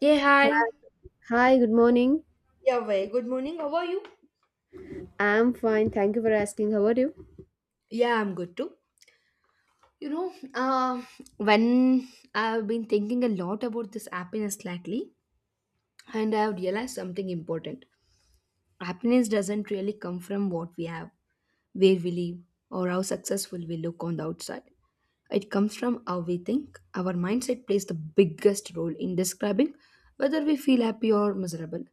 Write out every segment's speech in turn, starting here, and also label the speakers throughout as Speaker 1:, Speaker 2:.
Speaker 1: Yeah, hi.
Speaker 2: Hi, good morning.
Speaker 1: Yeah, way. Good morning. How are you?
Speaker 2: I'm fine. Thank you for asking. How are you?
Speaker 1: Yeah, I'm good too. You know, when I've been thinking a lot about this happiness lately, and I've realized something important. Happiness doesn't really come from what we have, where we live, or how successful we look on the outside. It comes from how we think. Our mindset plays the biggest role in describing whether we feel happy or miserable.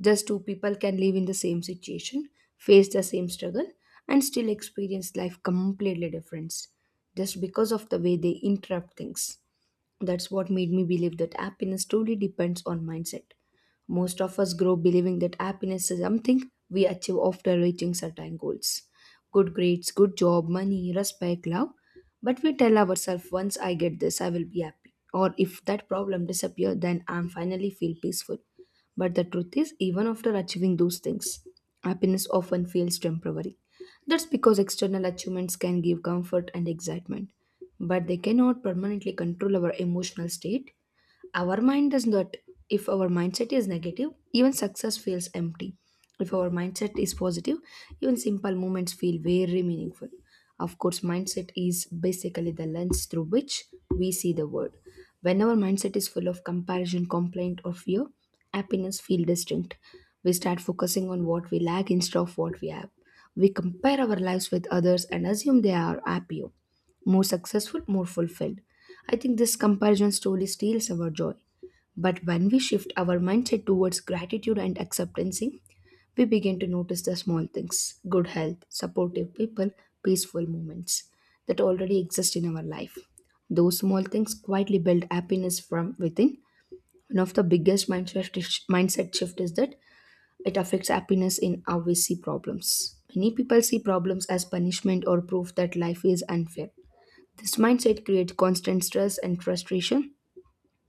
Speaker 1: Just two people can live in the same situation, face the same struggle, and still experience life completely different just because of the way they interrupt things. That's what made me believe that happiness truly depends on mindset. Most of us grow believing that happiness is something we achieve after reaching certain goals good grades, good job, money, respect, love. But we tell ourselves, once I get this, I will be happy. Or if that problem disappears, then I'm finally feel peaceful. But the truth is, even after achieving those things, happiness often feels temporary. That's because external achievements can give comfort and excitement, but they cannot permanently control our emotional state our mind does not. If our mindset is negative, even success feels empty. If our mindset is positive, even simple moments feel very meaningful. Of course, mindset is basically the lens through which we see the world. When our mindset is full of comparison, complaint, or fear, happiness feel distinct. We start focusing on what we lack instead of what we have. We compare our lives with others and assume they are happier, more successful, more fulfilled. I think this comparison slowly steals our joy. But when we shift our mindset towards gratitude and acceptance, we begin to notice the small things good health, supportive people, peaceful moments that already exist in our life. Those small things quietly build happiness from within. One of the biggest mindset shift is that it affects happiness in how we see problems. Many people see problems as punishment or proof that life is unfair. This mindset creates constant stress and frustration,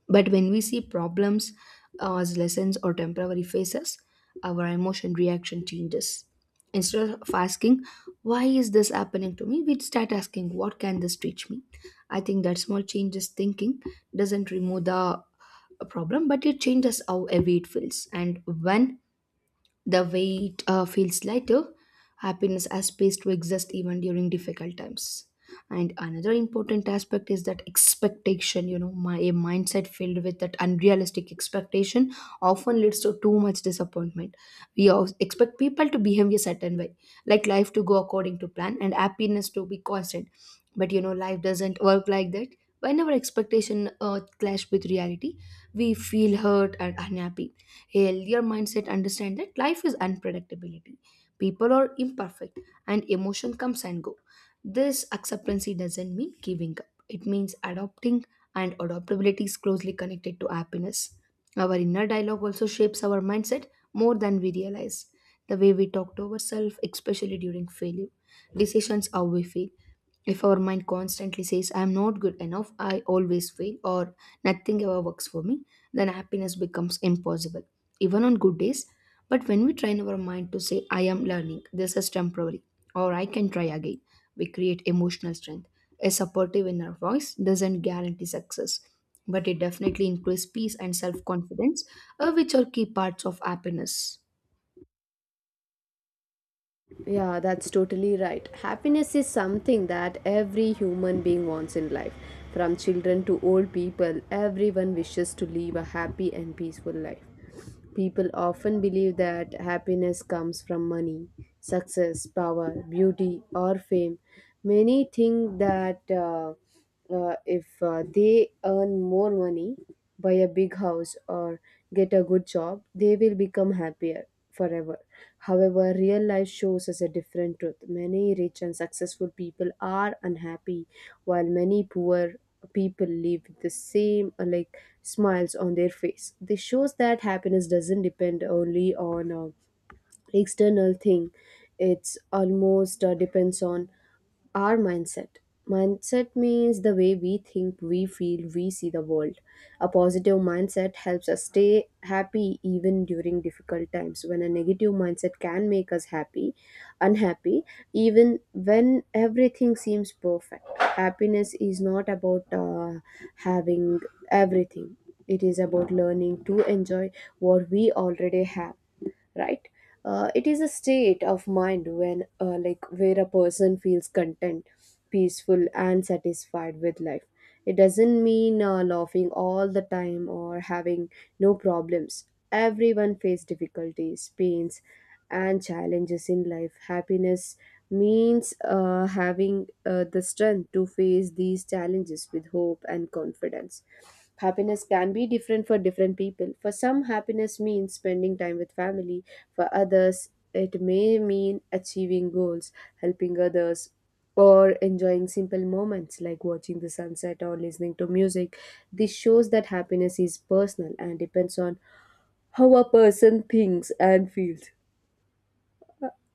Speaker 1: but when we see problems as lessons or temporary phases, our emotion reaction changes. Instead of asking, why is this happening to me, we start asking, what can this teach me? I think that small changes thinking doesn't remove the problem, but it changes how heavy it feels. And when the weight feels lighter. Happiness has space to exist even during difficult times. And another important aspect is that expectation. You know, my a mindset filled with that unrealistic expectation often leads to too much disappointment. We all expect people to behave a certain way, like life to go according to plan and happiness to be constant. But you know, life doesn't work like that. Whenever expectation clash with reality, we feel hurt and unhappy healthier mindset understand that life is unpredictability, people are imperfect, and emotion comes and go. This acceptance doesn't mean giving up, it means adopting, and adaptability is closely connected to happiness. Our inner dialogue also shapes our mindset more than we realize. The way we talk to ourselves especially during failure decisions how we feel. If our mind constantly says, I am not good enough, I always fail, or nothing ever works for me, then happiness becomes impossible, even on good days. But when we train our mind to say, I am learning, this is temporary, or I can try again, we create emotional strength. A supportive inner voice doesn't guarantee success, but it definitely increases peace and self confidence, which are key parts of happiness.
Speaker 2: Yeah, that's totally right. Happiness is something that every human being wants in life. From children to old people, everyone wishes to live a happy and peaceful life. People often believe that happiness comes from money, success, power, beauty, or fame. Many think that if they earn more money, buy a big house, or get a good job, they will become happier forever. However, real life shows us a different truth. Many rich and successful people are unhappy, while many poor people live with the same like smiles on their face. This shows that happiness doesn't depend only on external thing. It's almost depends on our mindset. Mindset means the way we think, we feel, we see the world. A positive mindset helps us stay happy even during difficult times. When a negative mindset can make us happy, unhappy, even when everything seems perfect. Happiness is not about having everything, it is about learning to enjoy what we already have, right. It is a state of mind when like where a person feels content, peaceful, and satisfied with life. It doesn't mean laughing all the time or having no problems. Everyone face difficulties, pains, and challenges in life. Happiness means having the strength to face these challenges with hope and confidence. Happiness can be different for different people. For some, happiness means spending time with family. For others, it may mean achieving goals, helping others, or enjoying simple moments like watching the sunset or listening to music. This shows that happiness is personal and depends on how a person thinks and feels.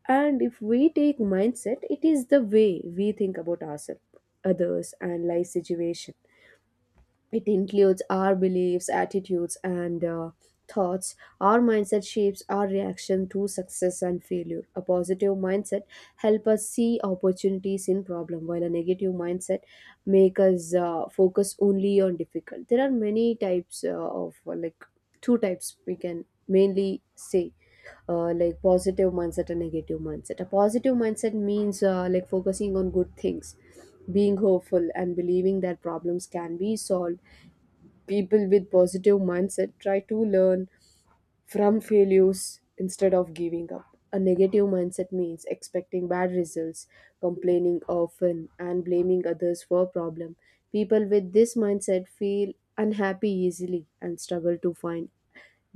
Speaker 2: And if we take mindset, it is the way we think about ourselves, others, and life situation. It includes our beliefs, attitudes, and thoughts. Our mindset shapes our reaction to success and failure. A positive mindset helps us see opportunities in problem, while a negative mindset make us focus only on difficult. There are many types of like two types we can mainly say, like positive mindset and negative mindset. A positive mindset means like focusing on good things, being hopeful, and believing that problems can be solved. People with positive mindset try to learn from failures instead of giving up. A negative mindset means expecting bad results, complaining often, and blaming others for problem. People with this mindset feel unhappy easily and struggle to find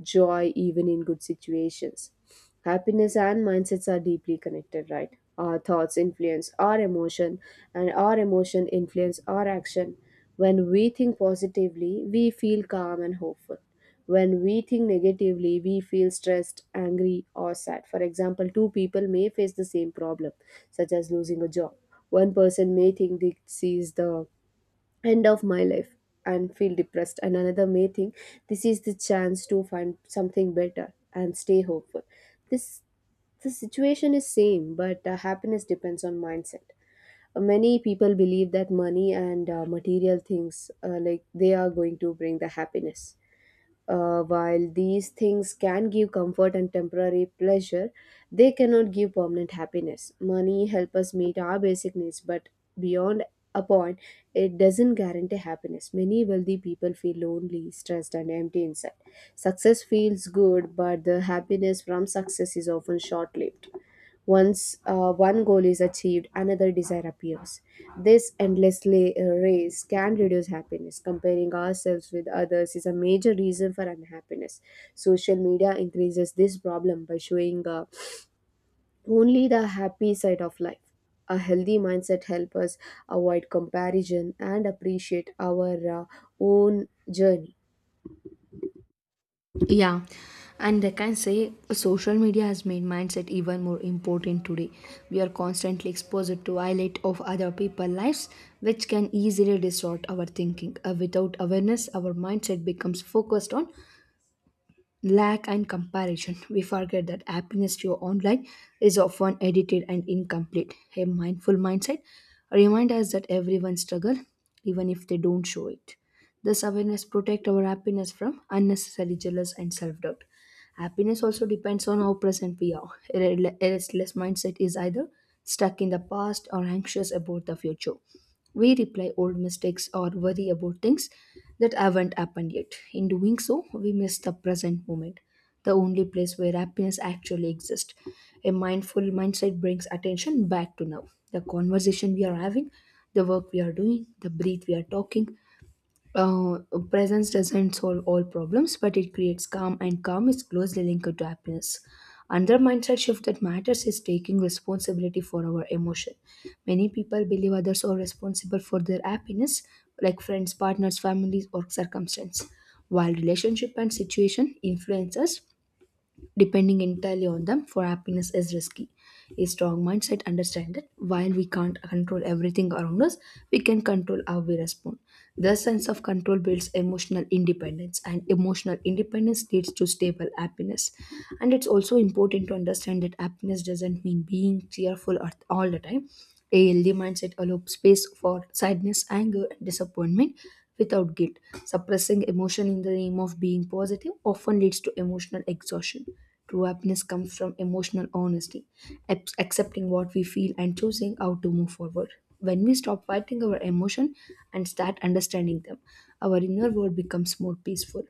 Speaker 2: joy even in good situations. Happiness and mindsets are deeply connected, right? Our thoughts influence our emotion, and our emotion influence our action. When we think positively, we feel calm and hopeful. When we think negatively, we feel stressed, angry, or sad. For example, two people may face the same problem, such as losing a job. One person may think this is the end of my life and feel depressed, and another may think this is the chance to find something better and stay hopeful. This, the situation is same, but happiness depends on mindset. Many people believe that money and material things, like they are going to bring the happiness. While these things can give comfort and temporary pleasure, they cannot give permanent happiness. Money helps us meet our basic needs, but beyond a point, it doesn't guarantee happiness. Many wealthy people feel lonely, stressed, and empty inside. Success feels good, but the happiness from success is often short lived. Once one goal is achieved, another desire appears. This endless race can reduce happiness. Comparing ourselves with others is a major reason for unhappiness. Social media increases this problem by showing only the happy side of life. A healthy mindset helps us avoid comparison and appreciate our own journey.
Speaker 1: Yeah, and I can say social media has made mindset even more important today. We are constantly exposed to highlight of other people's lives, which can easily distort our thinking. Without awareness, our mindset becomes focused on lack and comparison. We forget that happiness to online is often edited and incomplete. A mindful mindset reminds us that everyone struggles, even if they don't show it. This awareness protects our happiness from unnecessary jealous and self-doubt. Happiness also depends on how present we are. A restless mindset is either stuck in the past or anxious about the future. We reply old mistakes or worry about things that haven't happened yet. In doing so, we miss the present moment, the only place where happiness actually exists. A mindful mindset brings attention back to now. The conversation we are having, the work we are doing, the breath we are talking, uh, Presence doesn't solve all problems, but it creates calm, and calm is closely linked to happiness. Another mindset shift that matters is taking responsibility for our emotion. Many people believe others are responsible for their happiness, like friends, partners, families, or circumstance. While relationship and situation influence us, depending entirely on them for happiness is risky. A strong mindset understands that while we can't control everything around us, we can control how we respond. The sense of control builds emotional independence, and emotional independence leads to stable happiness. And it's also important to understand that happiness doesn't mean being cheerful at all the time. A healthy mindset allows space for sadness, anger, and disappointment without guilt. Suppressing emotion in the name of being positive often leads to emotional exhaustion. True happiness comes from emotional honesty, accepting what we feel and choosing how to move forward. When we stop fighting our emotion and start understanding them, our inner world becomes more peaceful.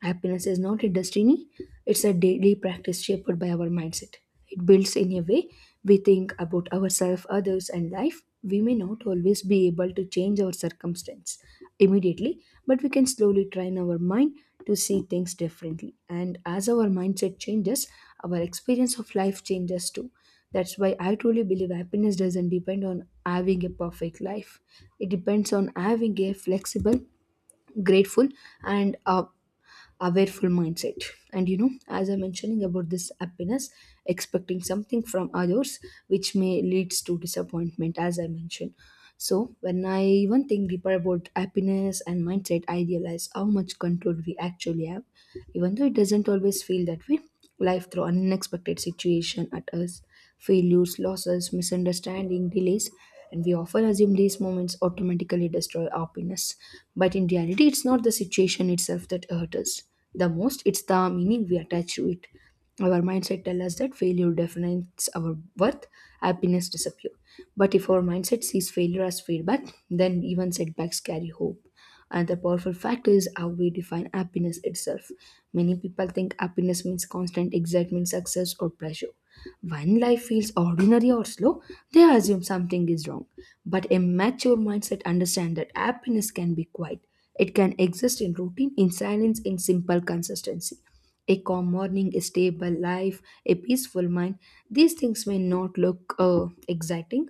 Speaker 1: Happiness is not a destiny, it's a daily practice shaped by our mindset. It builds in a way we think about ourselves, others, and life. We may not always be able to change our circumstance immediately, but we can slowly train our mind to see things differently. And as our mindset changes, our experience of life changes too. That's why I truly believe happiness doesn't depend on having a perfect life. It depends on having a flexible, grateful, and awareful mindset. And you know, as I am mentioning about this happiness, expecting something from others, which may leads to disappointment as I mentioned. So when I even think deeper about happiness and mindset, I realize how much control we actually have, even though it doesn't always feel that way. Life throws unexpected situations at us, failures, losses, misunderstanding, delays, and we often assume these moments automatically destroy our happiness. But in reality, it's not the situation itself that hurts us. The most, it's the meaning we attach to it. Our mindset tells us that failure defines our worth, happiness disappears. But if our mindset sees failure as feedback, then even setbacks carry hope. Another powerful factor is how we define happiness itself. Many people think happiness means constant excitement, success, or pleasure. When life feels ordinary or slow, they assume something is wrong. But a mature mindset understands that happiness can be quiet. It can exist in routine, in silence, in simple consistency. A calm morning, a stable life, a peaceful mind. These things may not look exciting,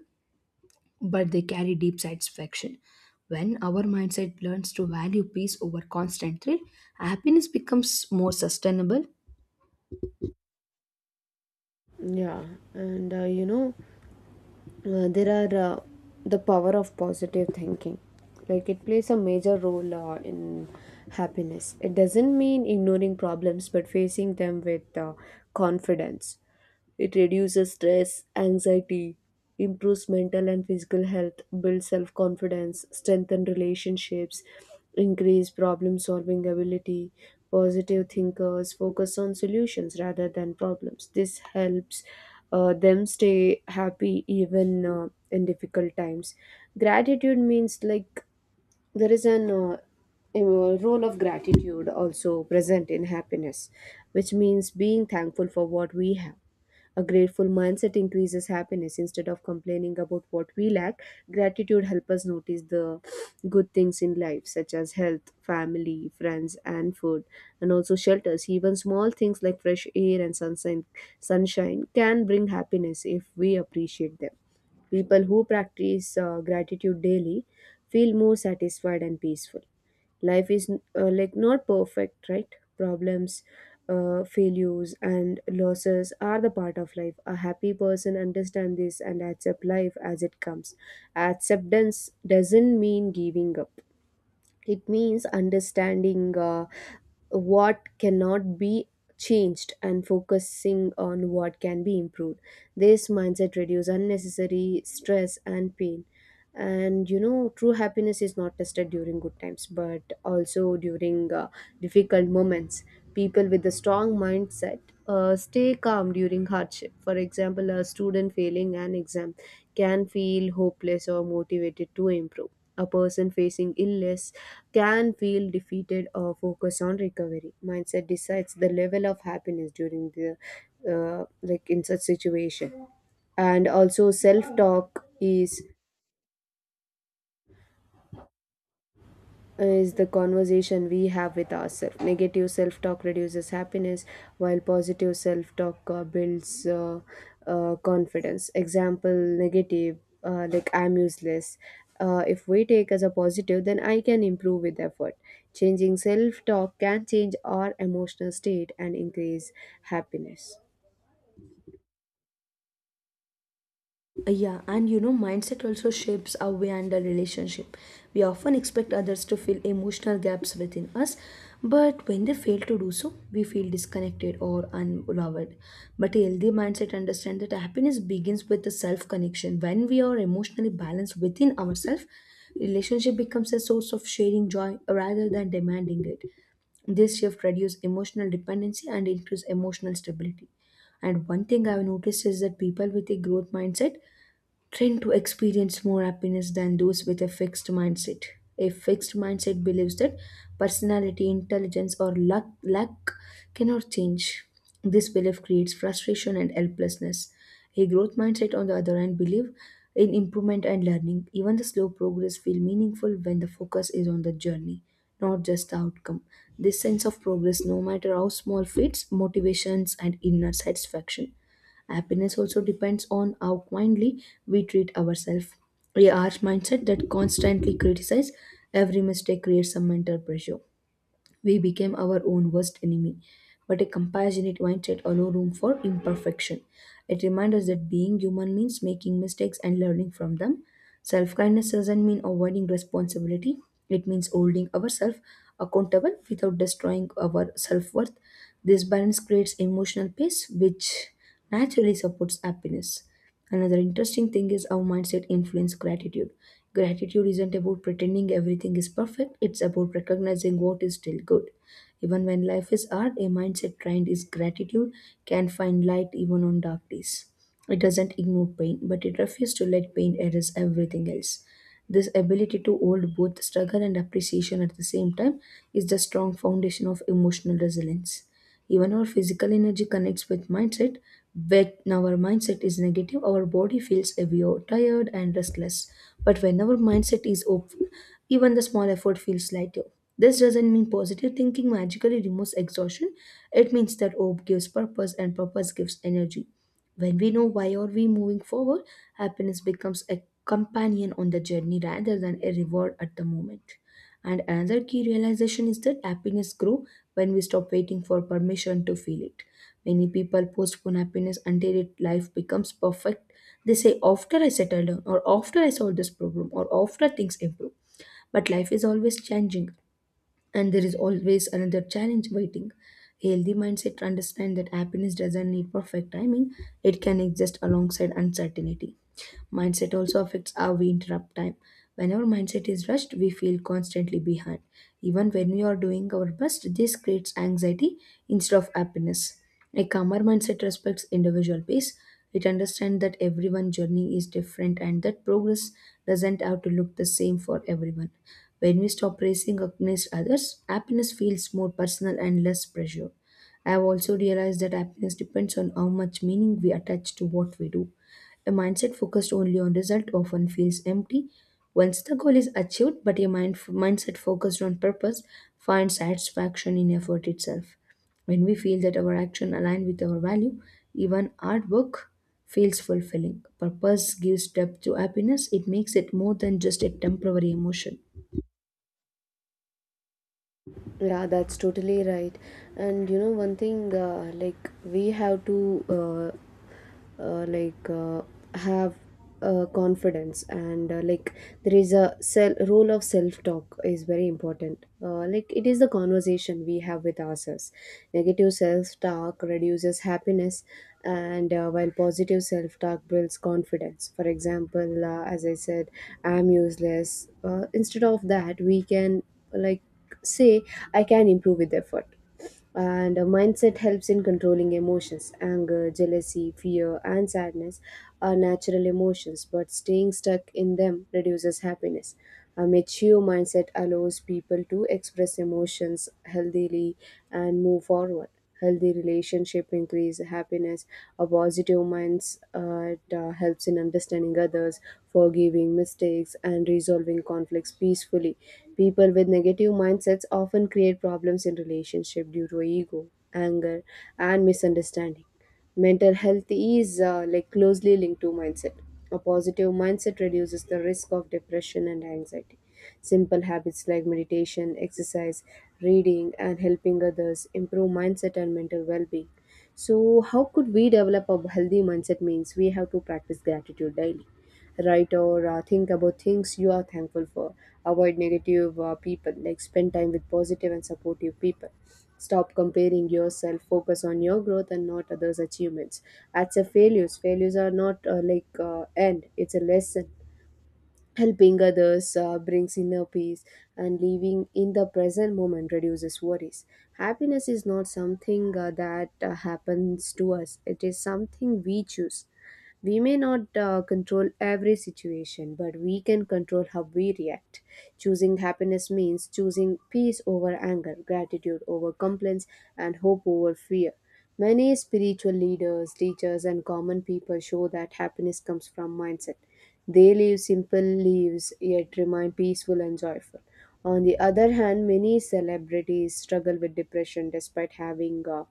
Speaker 1: but they carry deep satisfaction. When our mindset learns to value peace over constant thrill, happiness becomes more sustainable.
Speaker 2: Yeah, and there are the power of positive thinking, like it plays a major role in happiness. It doesn't mean ignoring problems but facing them with confidence. It reduces stress, anxiety, improves mental and physical health, builds self confidence, strengthens relationships, increase problem solving ability. Positive thinkers focus on solutions rather than problems. This helps them stay happy even in difficult times. Gratitude means, like, there is an a role of gratitude also present in happiness, which means being thankful for what we have. A grateful mindset increases happiness instead of complaining about what we lack. Gratitude helps us notice the good things in life, such as health, family, friends, and food, and also shelters. Even small things like fresh air and sunshine, sunshine can bring happiness if we appreciate them. People who practice gratitude daily feel more satisfied and peaceful. Life is like not perfect, right? Problems, failures, and losses are the part of life. A happy person understands this and accept life as it comes. Acceptance doesn't mean giving up. It means understanding what cannot be changed and focusing on what can be improved. This mindset reduces unnecessary stress and pain. And you know, true happiness is not tested during good times but also during difficult moments. People with a strong mindset stay calm during hardship. For example, a student failing an exam can feel hopeless or motivated to improve. A person facing illness can feel defeated or focus on recovery. Mindset decides the level of happiness during the like in such situation. And also, self talk is the conversation we have with ourselves. Negative self talk reduces happiness, while positive self talk builds confidence. Example negative, like I'm useless. If we take as a positive, then I can improve with effort. Changing self talk can change our emotional state and increase happiness.
Speaker 1: Yeah, and you know, mindset also shapes how we handle relationship. We often expect others to fill emotional gaps within us, but when they fail to do so, we feel disconnected or unloved. But a healthy mindset understands that happiness begins with the self connection. When we are emotionally balanced within ourselves, relationship becomes a source of sharing joy rather than demanding it. This shift reduces emotional dependency and increases emotional stability. And one thing I've noticed is that people with a growth mindset tend to experience more happiness than those with a fixed mindset. A fixed mindset believes that personality, intelligence, or luck cannot change. This belief creates frustration and helplessness. A growth mindset, on the other hand, believes in improvement and learning. Even the slow progress feels meaningful when the focus is on the journey, not just the outcome. This sense of progress, no matter how small, feeds motivations and inner satisfaction. Happiness also depends on how kindly we treat ourselves. We are mindset that constantly criticize every mistake creates some mental pressure. We became our own worst enemy. But a compassionate mindset allows room for imperfection. It reminds us that being human means making mistakes and learning from them. Self kindness doesn't mean avoiding responsibility, it means holding ourselves accountable without destroying our self worth. This balance creates emotional peace, which naturally supports happiness. Another interesting thing is how mindset influence gratitude. Gratitude isn't about pretending everything is perfect, it's about recognizing what is still good. Even when life is hard, a mindset trained is gratitude can find light even on dark days. It doesn't ignore pain, but it refuses to let pain erase everything else. This ability to hold both struggle and appreciation at the same time is the strong foundation of emotional resilience. Even our physical energy connects with mindset. When our mindset is negative, our body feels heavier, tired, and restless. But when our mindset is open, even the small effort feels lighter. This doesn't mean positive thinking magically removes exhaustion. It means that hope gives purpose and purpose gives energy. When we know why are we moving forward, happiness becomes a companion on the journey rather than a reward at the moment. And another key realization is that happiness grows when we stop waiting for permission to feel it. Many people postpone happiness until life becomes perfect. They say, after I settle down, or after I solve this problem, or after things improve. But life is always changing, and there is always another challenge waiting. Healthy mindset understand that happiness doesn't need perfect timing, it can exist alongside uncertainty. Mindset also affects how we interrupt time. When our mindset is rushed, we feel constantly behind. Even when we are doing our best, this creates anxiety instead of happiness. A calmer mindset respects individual pace. It understands that everyone's journey is different and that progress doesn't have to look the same for everyone. When we stop racing against others, happiness feels more personal and less pressure. I have also realized that happiness depends on how much meaning we attach to what we do. A mindset focused only on result often feels empty. Once the goal is achieved, but a mindset focused on purpose finds satisfaction in effort itself. When we feel that our action align with our value, even hard work feels fulfilling. Purpose gives depth to happiness. It makes it more than just a temporary emotion.
Speaker 2: Yeah, that's totally right. And you know, one thing, like we have to, uh, uh, like, uh, have confidence, and like there is a self role of self talk is very important. Like it is the conversation we have with ourselves. Negative self talk reduces happiness, and while positive self talk builds confidence. For example, as I said, I'm useless. Instead of that, we can, like, say I can improve with effort. And a mindset helps in controlling emotions. Anger, jealousy, fear, and sadness are natural emotions, but staying stuck in them reduces happiness. A mature mindset allows people to express emotions healthily and move forward. Healthy relationship increase happiness. A positive mindset it helps in understanding others, forgiving mistakes, and resolving conflicts peacefully. People with negative mindsets often create problems in relationship due to ego, anger, and misunderstanding. Mental health is like closely linked to mindset. A positive mindset reduces the risk of depression and anxiety. Simple habits like meditation, exercise, reading, and helping others improve mindset and mental well-being. So, how could we develop a healthy mindset? Means we have to practice gratitude daily, write or think about things you are thankful for, avoid negative people, like spend time with positive and supportive people, stop comparing yourself, focus on your growth and not others achievements. That's a failures, failures are not end, it's a lesson. Helping others brings inner peace, and living in the present moment reduces worries. Happiness is not something that happens to us, it is something we choose. We may not control every situation, but we can control how we react. Choosing happiness means choosing peace over anger, gratitude over complaints, and hope over fear. Many spiritual leaders, teachers, and common people show that happiness comes from mindset. They live simple lives yet remain peaceful and joyful. On the other hand, many celebrities struggle with depression despite having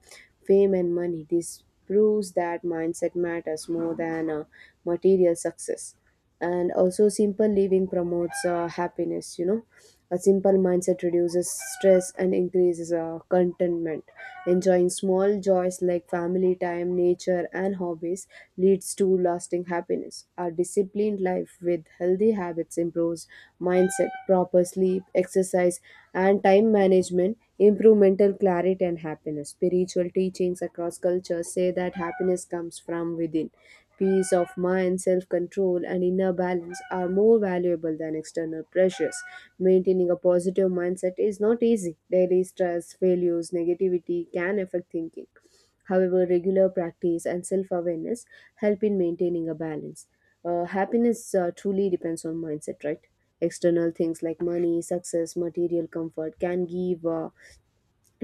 Speaker 2: fame and money. This proves that mindset matters more than material success. And also, simple living promotes happiness. You know, a simple mindset reduces stress and increases contentment. Enjoying small joys like family time, nature, and hobbies leads to lasting happiness. A disciplined life with healthy habits improves mindset, proper sleep, exercise, and time management improve mental clarity and happiness. Spiritual teachings across cultures say that happiness comes from within. Peace of mind, self control, and inner balance are more valuable than external pressures. Maintaining a positive mindset is not easy. Daily stress, failures, negativity can affect thinking. However, regular practice and self awareness help in maintaining a balance. Happiness truly depends on mindset, right? External things like money, success, material comfort can give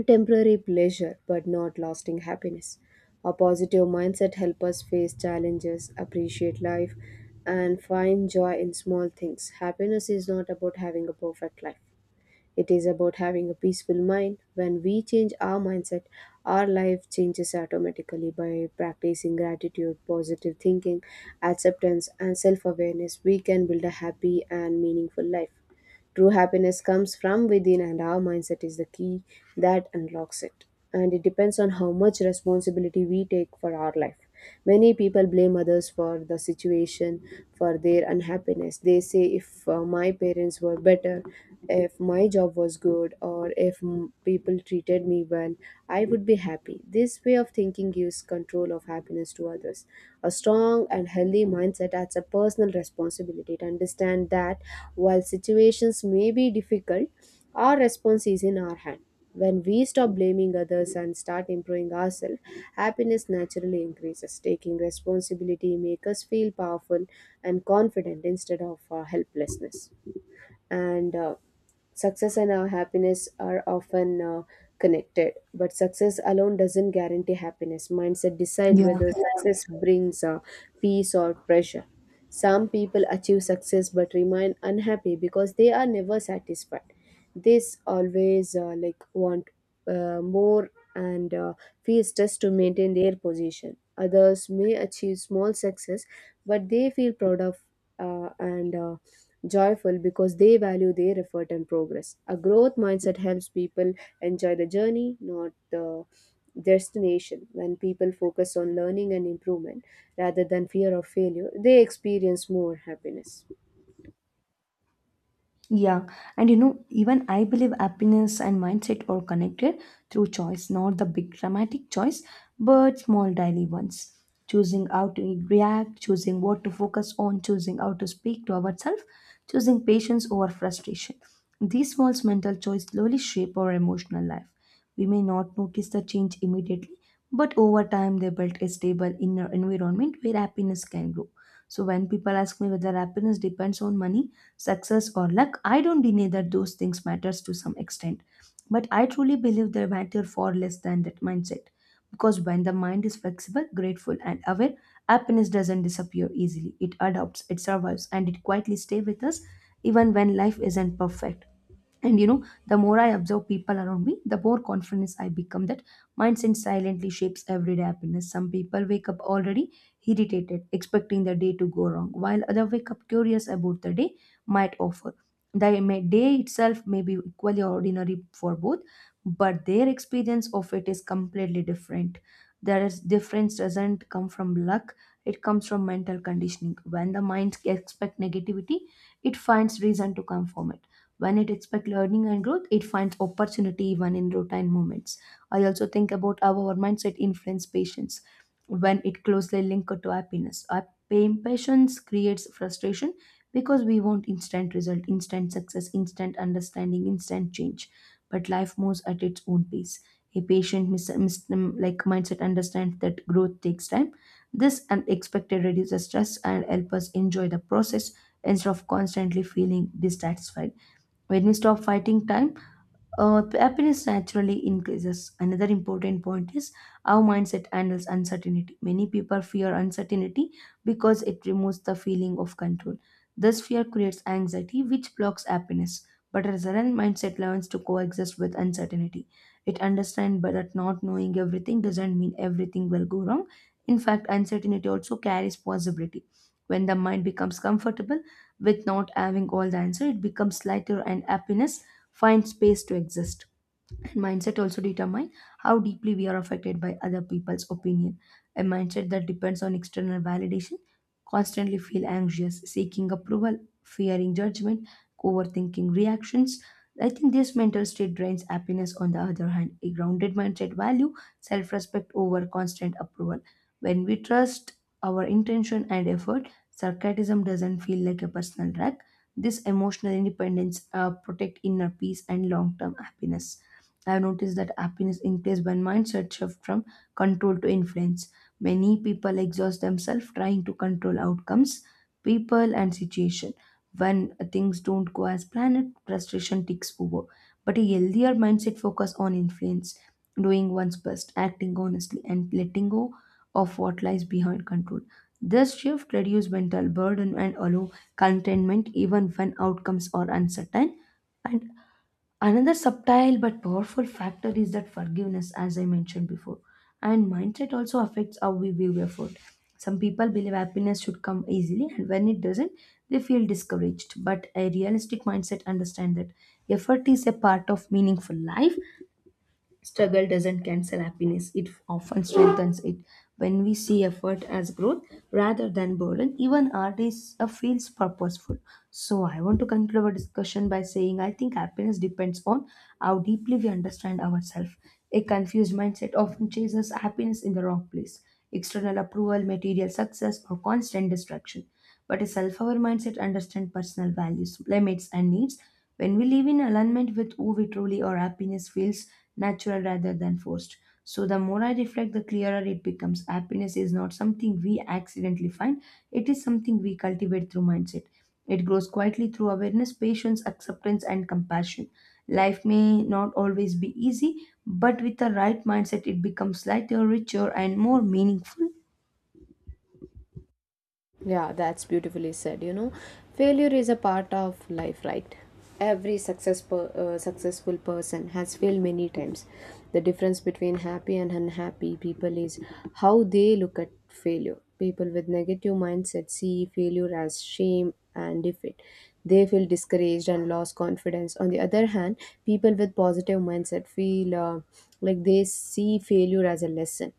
Speaker 2: temporary pleasure but not lasting happiness. A positive mindset helps us face challenges, appreciate life, and find joy in small things. Happiness is not about having a perfect life, it is about having a peaceful mind. When we change our mindset, our life changes automatically. By practicing gratitude, positive thinking, acceptance, and self awareness, we can build a happy and meaningful life. True happiness comes from within, and our mindset is the key that unlocks it. And it depends on how much responsibility we take for our life. Many people blame others for the situation, for their unhappiness. They say, if my parents were better, if my job was good, or if people treated me well, I would be happy. This way of thinking gives control of happiness to others. A strong and healthy mindset adds a personal responsibility to understand that while situations may be difficult, our response is in our hand. When we stop blaming others and start improving ourselves, happiness naturally increases. Taking responsibility makes us feel powerful and confident instead of helplessness. And Success and our happiness are often connected, but success alone doesn't guarantee happiness. Mindset decide whether success brings peace or pressure. Some people achieve success but remain unhappy because they are never satisfied. This always like want more and feel stressed to maintain their position. Others may achieve small success, but they feel proud of and joyful because they value their effort and progress. A growth mindset helps people enjoy the journey, not the destination. When people focus on learning and improvement rather than fear of failure, they experience more happiness.
Speaker 1: Yeah, and you know, even I believe happiness and mindset are connected through choice, not the big dramatic choice, but small daily ones. Choosing how to react, choosing what to focus on, choosing how to speak to ourselves, choosing patience over frustration. These small mental choices slowly shape our emotional life. We may not notice the change immediately, but over time they build a stable inner environment where happiness can grow. So when people ask me whether happiness depends on money, success or luck, I don't deny that those things matters to some extent. But I truly believe they matter far less than that mindset. Because when the mind is flexible, grateful and aware, happiness doesn't disappear easily. It adapts, it survives and it quietly stays with us even when life isn't perfect. And you know, the more I observe people around me, the more confidence I become that mindset silently shapes everyday happiness. Some people wake up already irritated, expecting the day to go wrong, while others wake up curious about the day might offer. The day itself may be equally ordinary for both, but their experience of it is completely different. There is difference doesn't come from luck, it comes from mental conditioning. When the mind expect negativity, it finds reason to conform when it expects learning and growth, it finds opportunity even in routine moments. I also think about how our mindset influence patience when it closely linked to happiness. Our impatience creates frustration because we want instant result, instant success, instant understanding, instant change. But life moves at its own pace. A patient mindset understands that growth takes time. This unexpected reduces stress and helps us enjoy the process instead of constantly feeling dissatisfied. When you stop fighting time, happiness naturally increases. Another important point is how mindset handles uncertainty. Many people fear uncertainty because it removes the feeling of control. This fear creates anxiety, which blocks happiness. But a resilient mindset learns to coexist with uncertainty. It understands but that not knowing everything doesn't mean everything will go wrong. In fact, uncertainty also carries possibility. When the mind becomes comfortable with not having all the answer, it becomes lighter and happiness find space to exist. And mindset also determine how deeply we are affected by other people's opinion, a mindset that depends on external validation constantly feel anxious, seeking approval, fearing judgment, overthinking reactions. I think this mental state drains happiness. On the other hand, a grounded mindset value self-respect over constant approval. When we trust our intention and effort, sarcasm doesn't feel like a personal wreck. This emotional independence protect inner peace and long-term happiness. I've noticed that happiness increases when mindset shift from control to influence. Many people exhaust themselves trying to control outcomes, people, and situation. When things don't go as planned, frustration takes over. But a healthier mindset focus on influence, doing one's best, acting honestly, and letting go of what lies behind control. This shift reduces mental burden and allow contentment even when outcomes are uncertain. And another subtle but powerful factor is that forgiveness, as I mentioned before, and mindset also affects how we view effort. Some people believe happiness should come easily, and when it doesn't, they feel discouraged. But a realistic mindset understands that effort is a part of meaningful life. Struggle doesn't cancel happiness, it often strengthens it. When we see effort as growth rather than burden, even art is feels purposeful. So I want to conclude our discussion by saying I think happiness depends on how deeply we understand ourselves. A confused mindset often chases happiness in the wrong place. External approval, material success, or constant distraction, but a self-aware mindset understands personal values, limits, and needs. When we live in alignment with who we truly are, happiness feels natural rather than forced. So the more I reflect, the clearer it becomes. Happiness is not something we accidentally find; it is something we cultivate through mindset. It grows quietly through awareness, patience, acceptance, and compassion. Life may not always be easy, but with the right mindset, it becomes lighter, richer, and more meaningful.
Speaker 2: Yeah, that's beautifully said. You know, failure is a part of life, right? Every successful person has failed many times. The difference between happy and unhappy people is how they look at failure. People with negative mindset see failure as shame and defeat. They feel discouraged and lost confidence. On the other hand, people with positive mindset feel like they see failure as a lesson.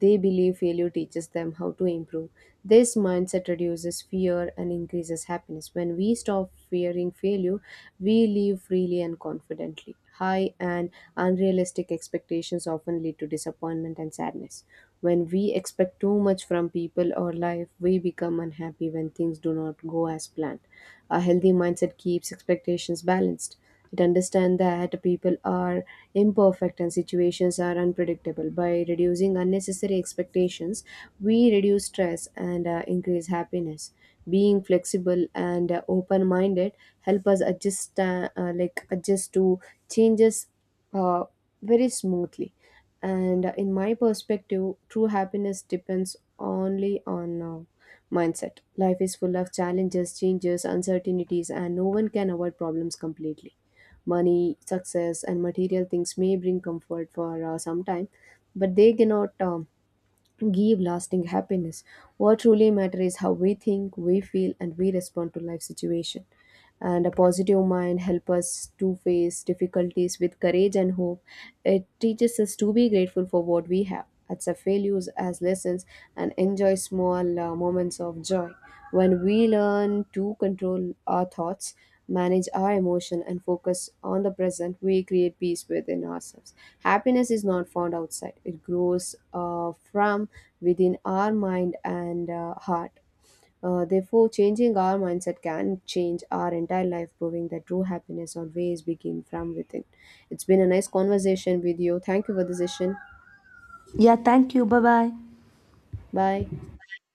Speaker 2: They believe failure teaches them how to improve. This mindset reduces fear and increases happiness. When we stop fearing failure, we live freely and confidently. High and unrealistic expectations often lead to disappointment and sadness. When we expect too much from people or life, we become unhappy when things do not go as planned. A healthy mindset keeps expectations balanced. It understands that people are imperfect and situations are unpredictable. By reducing unnecessary expectations, we reduce stress and increase happiness. Being flexible and open-minded help us adjust to changes uh, very smoothly. And In my perspective, true happiness depends only on mindset. Life is full of challenges, changes, uncertainties, and no one can avoid problems completely. Money, success, and material things may bring comfort for some time, but they cannot give lasting happiness. What truly matters is how we think, we feel, and we respond to life situation. And a positive mind helps us to face difficulties with courage and hope. It teaches us to be grateful for what we have, accept failures as lessons, and enjoy small moments of joy. When we learn to control our thoughts, manage our emotion, and focus on the present, we create peace within ourselves. Happiness is not found outside; it grows from within our mind and heart. Therefore, changing our mindset can change our entire life, proving that true happiness always begins from within. It's been a nice conversation with you. Thank you for the session.
Speaker 1: Yeah, thank you. Bye bye.
Speaker 2: Bye.